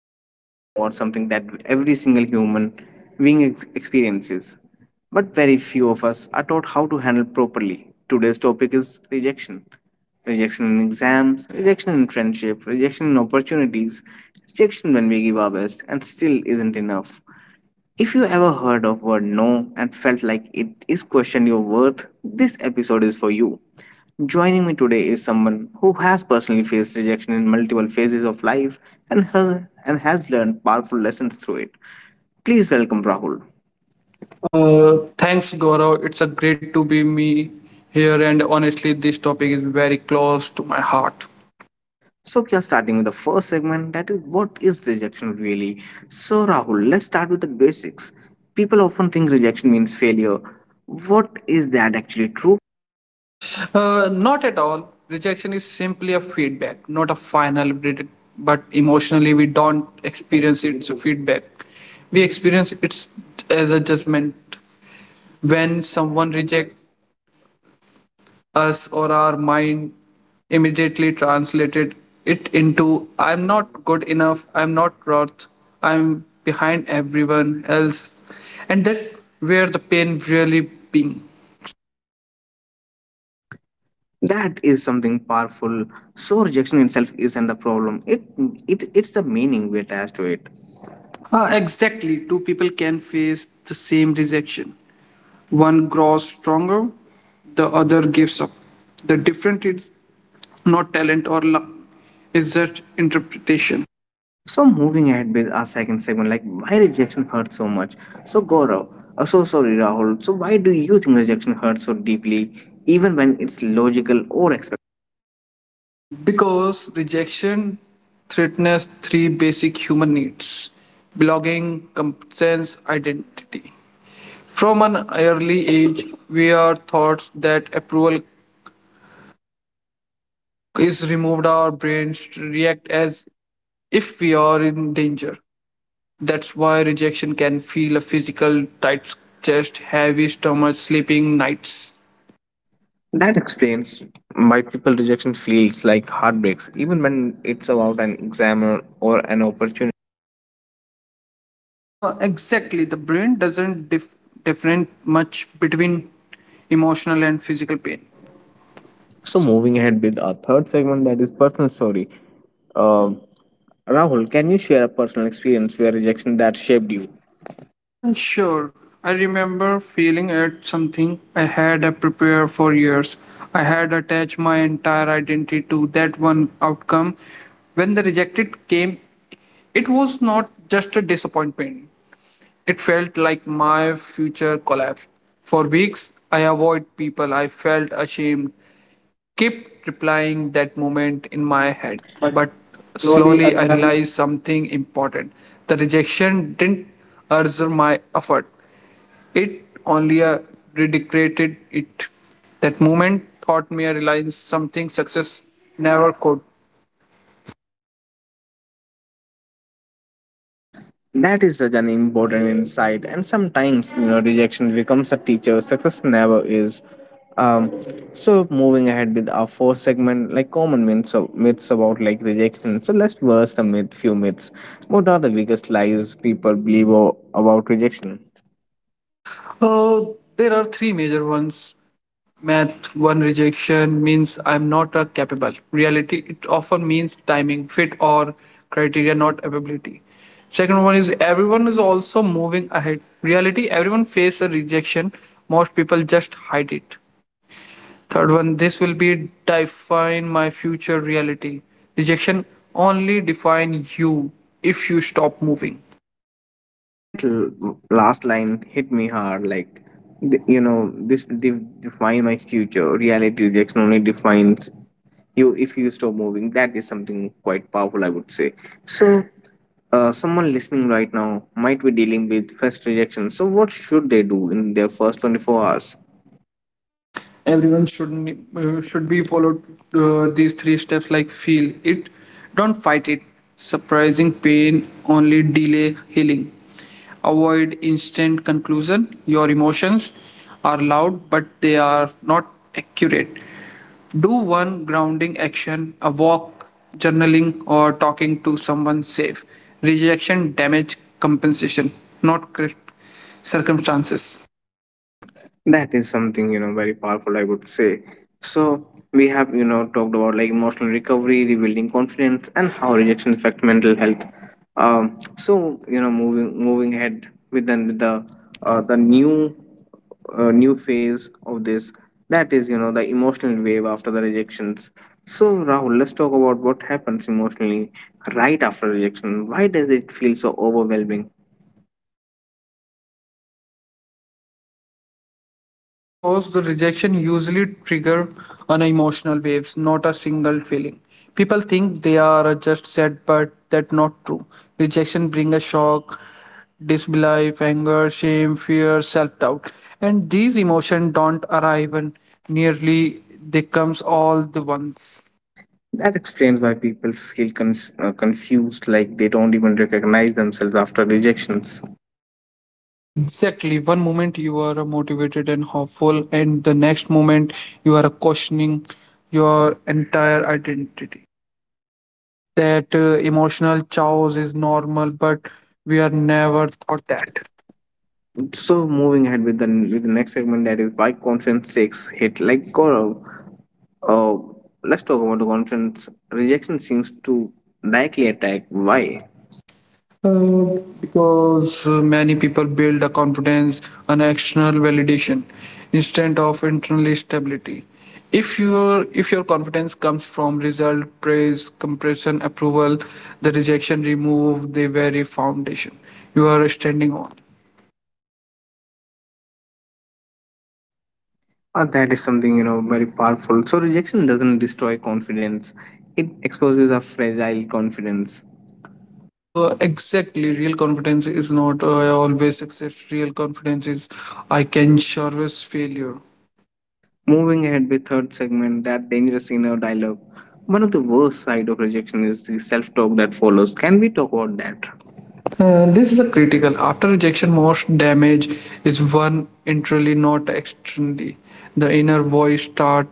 And we are talking about something that every single human being experiences, but very few of us are taught how to handle properly. Today's topic is rejection, rejection in exams, rejection in friendship, rejection in opportunities, rejection when we give our best and still isn't enough. If you ever heard of word no and felt like it is questioning your worth, this episode is for you. Joining me today is someone who has personally faced rejection in multiple phases of life and has learned powerful lessons through it. Please welcome Rahul. Thanks, Gaurav. It's a great to be me here, and honestly, this topic is very close to my heart. So we are starting with the first segment, that is, what is rejection really? So Rahul, let's start with the basics. People often think rejection means failure. What is that actually true? Not at all. Rejection is simply a feedback, not a final verdict. But emotionally, we don't experience it as a feedback. We experience it as a judgment. When someone rejects us or our mind immediately translated it into I'm not good enough, I'm not worth, I'm behind everyone else. And that where the pain really being. That is something powerful. So rejection itself isn't the problem, it's the meaning we attach to it. Exactly, two people can face the same rejection. One grows stronger, the other gives up. The difference is not talent or luck, it's just interpretation. So moving ahead with our second segment, like, why rejection hurts so much. So gaurav so sorry rahul, so why do you think rejection hurts so deeply even when it's logical or expected? Because rejection threatens three basic human needs: belonging, competence, identity. From an early age, we are taught that approval is removed, our brains react as if we are in danger. That's why rejection can feel a physical tight chest, heavy stomach, sleeping nights. That explains why people rejection feels like heartbreaks even when it's about an exam or an opportunity. Exactly. The brain doesn't different much between emotional and physical pain. So moving ahead with our third segment, that is personal story. Um Rahul, can you share a personal experience where rejection that shaped you? Sure. I remember feeling at something I had a prepare for years. I had attached my entire identity to that one outcome. When the rejected came, it was not just a disappointment. It felt like my future collapsed. For weeks, I avoid people. I felt ashamed. Kept replying that moment in Right, my head. but But slowly slowly, I and nice. realized something important. The rejection didn't urge my effort. It only redecorated it. That moment taught me a reliance something success never could. That is such an important insight, and sometimes, you know, rejection becomes a teacher. Success never is. Um, so moving ahead with our fourth segment, like common myths about, like, rejection. So let's verse the myth, few myths. What are the biggest lies people believe about rejection? Oh, there are three major ones. Math, one, rejection means I'm not a capable. Reality, it often means timing, fit, or criteria, not ability. Second one is everyone is also moving ahead. Reality, everyone faces a rejection. Most people just hide it. Third one, this will be define my future reality. Rejection only define you if you stop moving. That last line hit me hard. Like, you know, this define my future. Reality, rejection only defines you if you stop moving. That is something quite powerful, I would say. So, someone listening right now might be dealing with first rejection. So, what should they do in their first 24 hours? Everyone should be followed these three steps, like feel it, don't fight it. Surprising pain only delay healing. Avoid instant conclusion, your emotions are loud but they are not accurate. Do one grounding action, a walk, journaling or talking to someone safe. Rejection damage compensation, not circumstances. That is something, you know, very powerful, I would say. So, we have, you know, talked about, like, emotional recovery, rebuilding confidence, and how rejection affect mental health. So, you know, moving ahead with then with the new new phase of this, that is, you know, the emotional wave after the rejections. So, Rahul, let's talk about what happens emotionally right after rejection. Why does it feel so overwhelming? Because the rejection usually trigger an emotional waves, not a single feeling. People think they are just sad, but that's not true. Rejection bring a shock, disbelief, anger, shame, fear, self-doubt. And these emotions don't arrive and nearly they comes all the once. That explains why people feel confused, like they don't even recognize themselves after rejections. Exactly. One moment you are motivated and hopeful, and the next moment you are questioning your entire identity. That emotional chaos is normal, but we are never taught that. So, moving ahead with the next segment, that is why confidence takes hit. Like Gaurav, uh, let's talk about the confidence. Rejection seems to directly attack why. Because many people build a confidence on external validation instead of internal stability. If your confidence comes from result, praise, compression, approval, the rejection remove the very foundation you are standing on. That is something, you know, very powerful. So rejection doesn't destroy confidence; it exposes a fragile confidence. Exactly. Real confidence is not always success. Real confidence is I can service failure. Moving ahead with third segment, that dangerous inner dialogue. One of the worst side of rejection is the self-talk that follows. Can we talk about that? This is a critical. After rejection, most damage is one internally, not externally. The inner voice start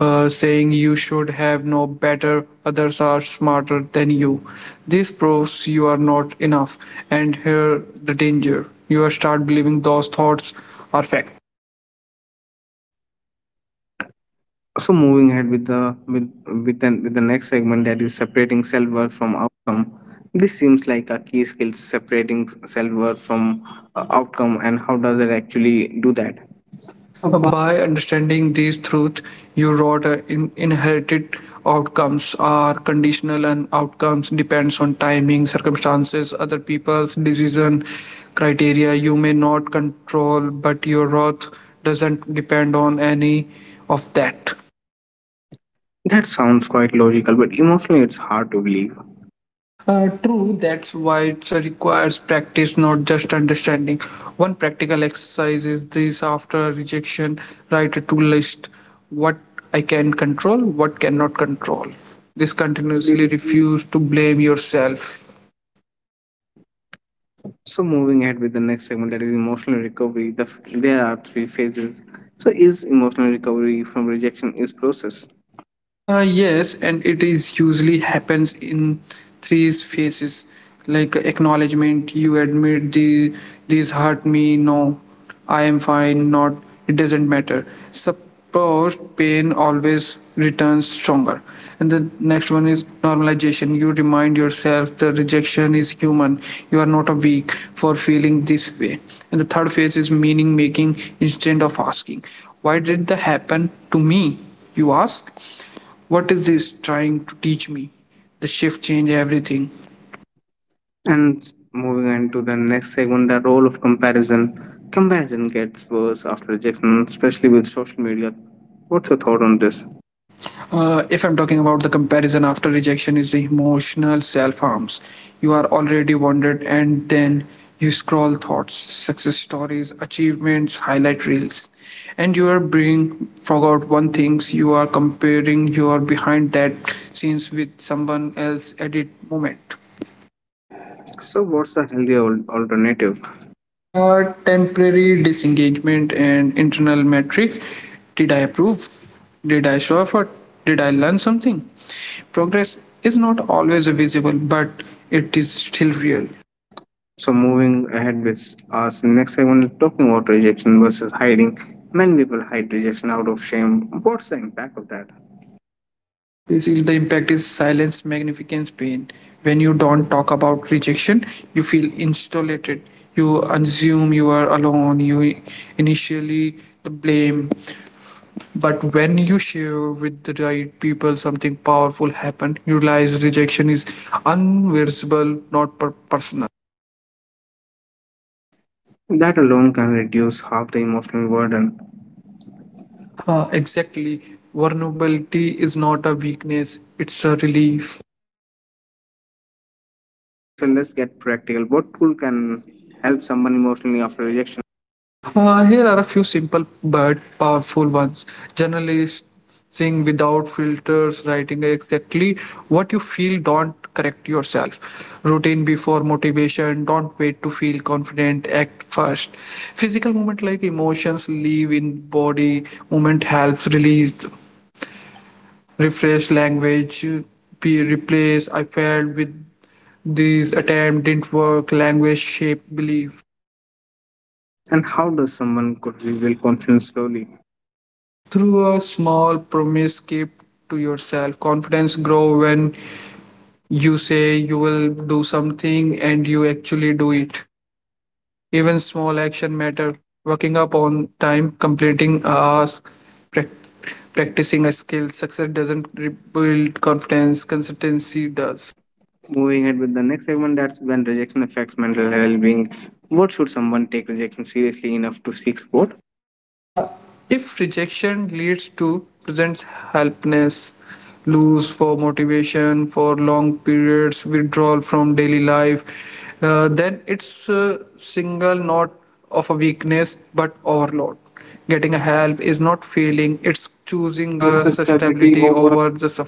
saying you should have no better. Others are smarter than you. This proves you are not enough. And here the danger: you start believing those thoughts are fact. So moving ahead with the with the next segment, that is separating self-worth from outcome. This seems like a key skill, separating self-worth from outcome, and how does it actually do that? By understanding these truths, you wrote inherited outcomes are conditional and outcomes depends on timing, circumstances, other people's decision criteria you may not control, but your wrath doesn't depend on any of that. That sounds quite logical, but emotionally it's hard to believe. True, that's why it requires practice, not just understanding. One practical exercise is this: after rejection, write a to list what I can control, what cannot control. This Con- continuously refuse to blame yourself. So moving ahead with the next segment, that is emotional recovery. There are three phases. So is emotional recovery from rejection is process. Yes, and it is usually happens in three phases, like acknowledgement. You admit the this hurt me. No, I am fine. Not it doesn't matter. Supposed pain always returns stronger. And the next one is normalization. You remind yourself the rejection is human. You are not a weak for feeling this way. And the third phase is meaning making: instead of asking, why did that happen to me, you ask what is this trying to teach me. The shift change everything. And moving on to the next segment, the role of comparison. Comparison gets worse after rejection, especially with social media. What's your thought on this? If I'm talking about the comparison after rejection, is the emotional self harms. You are already wounded and then you scroll thoughts, success stories, achievements, highlight reels, and you are being forgot one things: you are comparing, you are behind that scenes with someone else at it moment. So what's the healthier alternative? Temporary disengagement and internal metrics. Did I improve? Did I show effort? Did I learn something? Progress is not always visible, but it is still real. So moving ahead with our next segment, talking about rejection versus hiding. Many people hide rejection out of shame. What's the impact of that? Basically, the impact is silence magnifies pain. When you don't talk about rejection, you feel isolated. You assume you are alone. You initially the blame, but when you share with the right people, something powerful happen. You realize rejection is unversible, not personal. That alone can reduce half the emotional burden. Exactly, vulnerability is not a weakness, it's a relief. So I would say, let's get practical. What tool can help someone emotionally after rejection? Here are a few simple but powerful ones. Journalisting without filters, writing exactly what you feel, don't correct yourself. Routine before motivation, don't wait to feel confident, act first. Physical movement, like emotions live in body, movement helps release, refresh language, be replaced. I failed with this attempt, didn't work, language shape belief. And how does someone could rebuild confidence slowly? Through a small promise keep to yourself, confidence grow when you say you will do something and you actually do it. Even small action matter. Working up on time, completing a task, prac- practicing a skill. Success doesn't rebuild confidence, consistency does. Moving ahead with the next segment, that's when rejection affects mental well-being. What should someone take rejection seriously enough to seek support? Uh, if rejection leads to present helplessness, lose for motivation for long periods, withdrawal from daily life, then it's a single not of a weakness but overload. Getting a help is not failing; it's The choosing sustainability stability hope. over the suffering.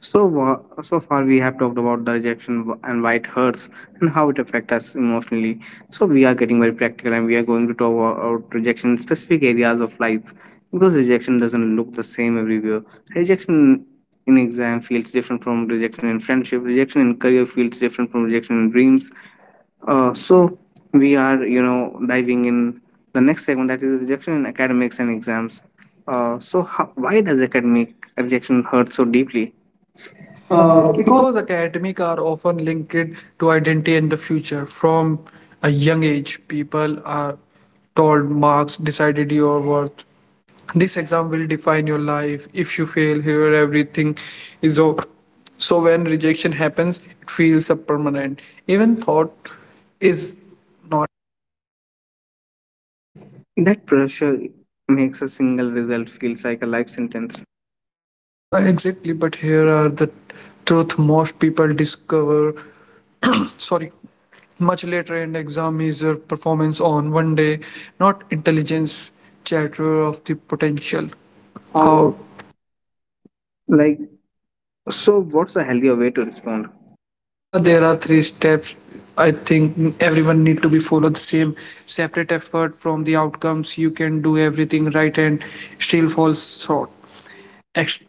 So far we have talked about the rejection and why it hurts and how it affects us emotionally. So we are getting very practical and we are going to talk about rejection in specific areas of life because rejection doesn't look the same everywhere. Rejection in exam feels different from rejection in friendship. Rejection in career feels different from rejection in dreams. So we are, you know, diving in the next segment, that is rejection in academics and exams. Why does academic rejection hurt so deeply? Because academic are often linked to identity and the future. From a young age, people are told marks decided your worth. This exam will define your life. If you fail here, everything is over. So when rejection happens, it feels a permanent. Even thought is. That pressure makes a single result feels like a life sentence. Exactly, but here are the truth most people discover. Sorry, much later, in exam is your performance on 1 day, not intelligence chatter of the potential. How. Or, like, so what's a healthier way to respond? There are three steps I think everyone need to be followed. The same: separate effort from the outcomes. You can do everything right and still fall short. ex-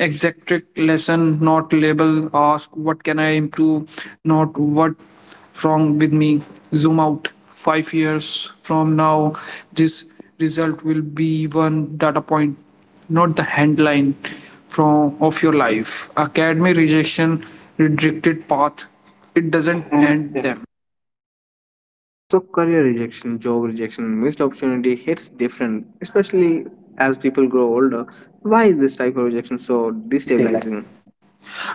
Exact lesson, not label. Ask what can I improve, not what wrong with me. Zoom out, 5 years from now this result will be one data point, not the headline from of your life. Academy rejection redirected path, it That doesn't end and them. them. So career rejection, job rejection, missed opportunity hits different, especially as people grow older. Why is this type of rejection so This tagline. destabilizing?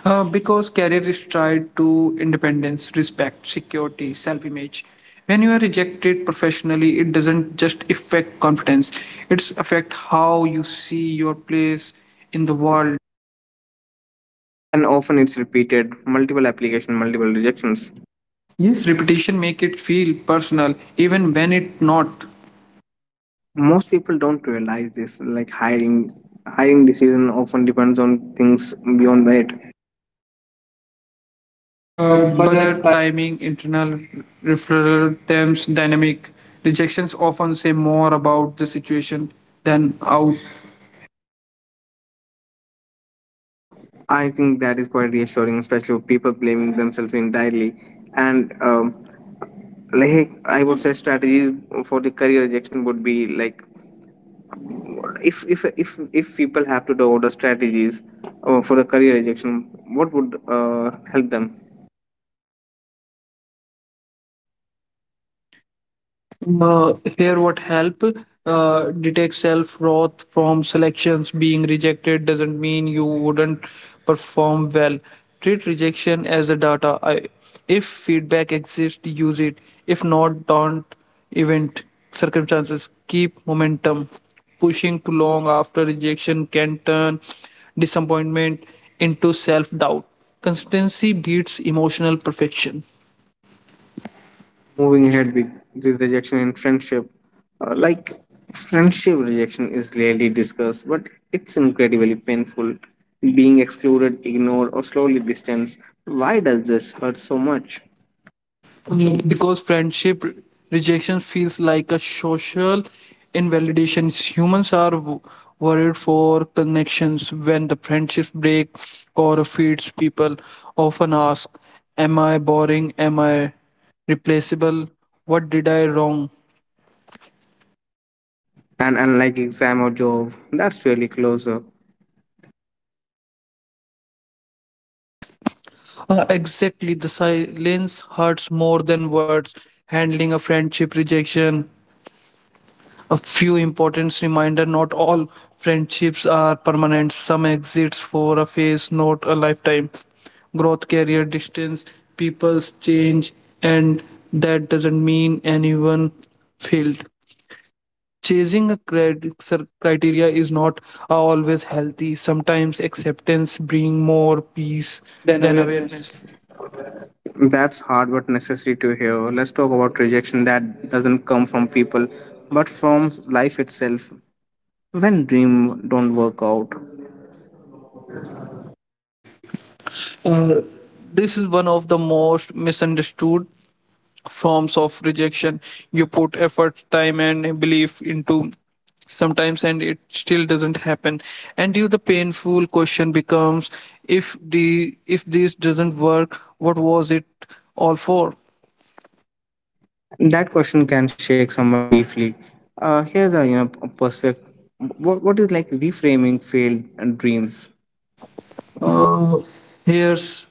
Because career is tied to independence, respect, security, self image. When you are rejected professionally, it doesn't just affect confidence, it's affect how you see your place in the world. And often it's repeated, multiple application, multiple rejections. Yes, repetition make it feel personal, even when it not. Most people don't realize this. Like hiring decision often depends on things beyond merit. Budget. Budget, timing, internal referral terms, dynamic. Rejections often say more about the situation than out. I think that is quite reassuring, especially with people blaming themselves entirely. And like I would say, strategies for the career rejection would be like, if people have to develop the strategies for the career rejection, what would help them? Here what help, detect self worth from selections. Being rejected doesn't mean you wouldn't perform well. Treat rejection as a data. If feedback exists use it, if not don't. Event circumstances, keep momentum. Pushing too long after rejection can turn disappointment into self doubt. Consistency beats emotional perfection. Moving ahead with the rejection in friendship? Like, friendship rejection is rarely discussed, but it's incredibly painful. Being excluded, ignored, or slowly distanced. Why does this hurt so much? Because friendship rejection feels like a social invalidation. Humans are worried for connections. When the friendships break or fades, people often ask, am I boring, am I replaceable, what did I wrong. And unlike exam or job, that's really closer. Exactly, the silence hurts more than words. Handling a friendship rejection, a few important reminder. Not all friendships are permanent. Some exits for a phase, not a lifetime. Growth, career, distance, people's change, and that doesn't mean anyone failed. Chasing a criteria is not always healthy. Sometimes acceptance brings more peace Then than awareness. awareness. That's hard but necessary to hear. Let's talk about rejection that doesn't come from people but from life itself. When dream don't work out, This is one of the most misunderstood forms of rejection. You put effort, time and belief into sometimes and it still doesn't happen, and you the painful question becomes, if this doesn't work, what was it all for. that question can shake someone deeply. Here's a, you know, a perspective. What is, like, reframing failed dreams? Uh, Here's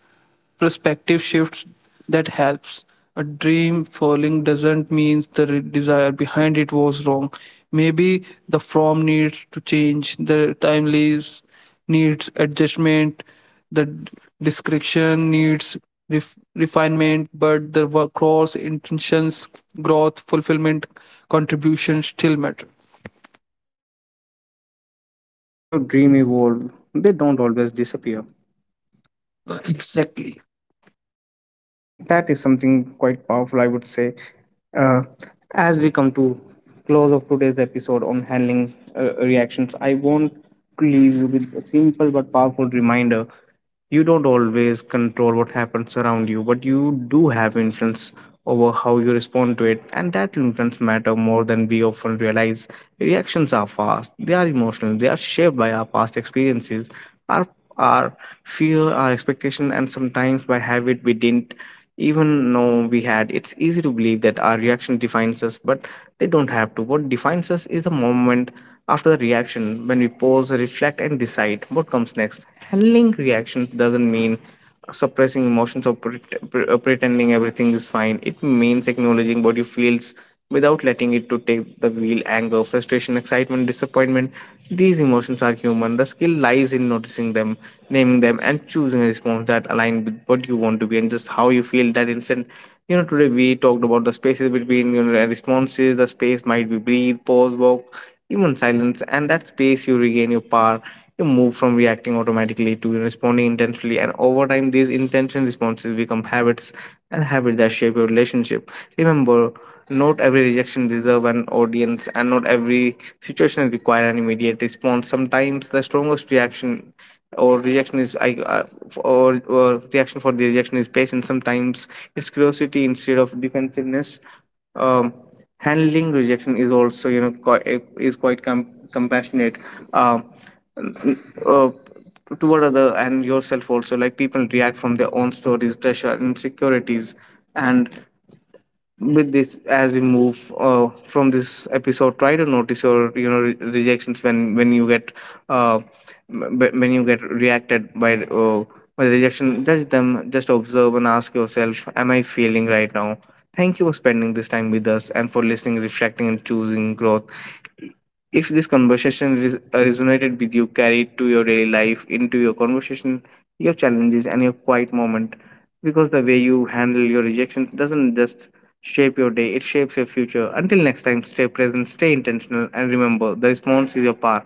perspective shifts that helps. A dream falling doesn't mean the desire behind it was wrong. Maybe the form needs to change, the timelines needs adjustment, the description needs refinement, but the cross intentions, growth, fulfillment, contribution still matter. So dream evolve. They don't always disappear. Exactly. That is something quite powerful, I would say. Uh, as we come to close of today's episode on handling reactions, I want to leave you with a simple but powerful reminder. You don't always control what happens around you, but you do have influence over how you respond to it, and that influence matter more than we often realize. Reactions are fast, they are emotional, they are shaped by our past experiences, our our fear, our expectation, and sometimes by habit we didn't even though we had. It's easy to believe that our reaction defines us, but they don't have to. What defines us is the moment after the reaction, when we pause, reflect, and decide what comes next. Handling reaction doesn't mean suppressing emotions or pretending everything is fine. It means acknowledging what you feels without letting it to take the wheel. Anger, frustration, excitement, disappointment, these emotions are human. The skill lies in noticing them, naming them, and choosing a response that aligns with what you want to be and just how you feel that instant. You know, today we talked about the spaces between, you know, responses. The space might be breathe, pause, walk, even silence, and that space you regain your power. You move from reacting automatically to responding intentionally, and over time, these intention responses become habits, and habits that shape your relationship. Remember, not every rejection deserves an audience, and not every situation requires an immediate response. Sometimes the strongest reaction or rejection is or reaction for the rejection is patience. Sometimes it's curiosity instead of defensiveness. Um, Handling rejection is also, you know, quite, is quite compassionate uh, uh, toward other and yourself also. Like, people react from their own stories, pressure, insecurities, and with this, as we move from this episode, try to notice your, you know, rejections when you get uh, when you get reacted by the rejection, judge them, just observe, and ask yourself am I feeling right now. Thank you for spending this time with us and for listening, reflecting, and choosing growth. If this conversation resonated with you, carry it to your daily life, into your conversation, your challenges, and your quiet moment. Because the way you handle your rejection doesn't just shape your day, it shapes your future. Until next time, stay present, stay intentional, and remember the response is your part.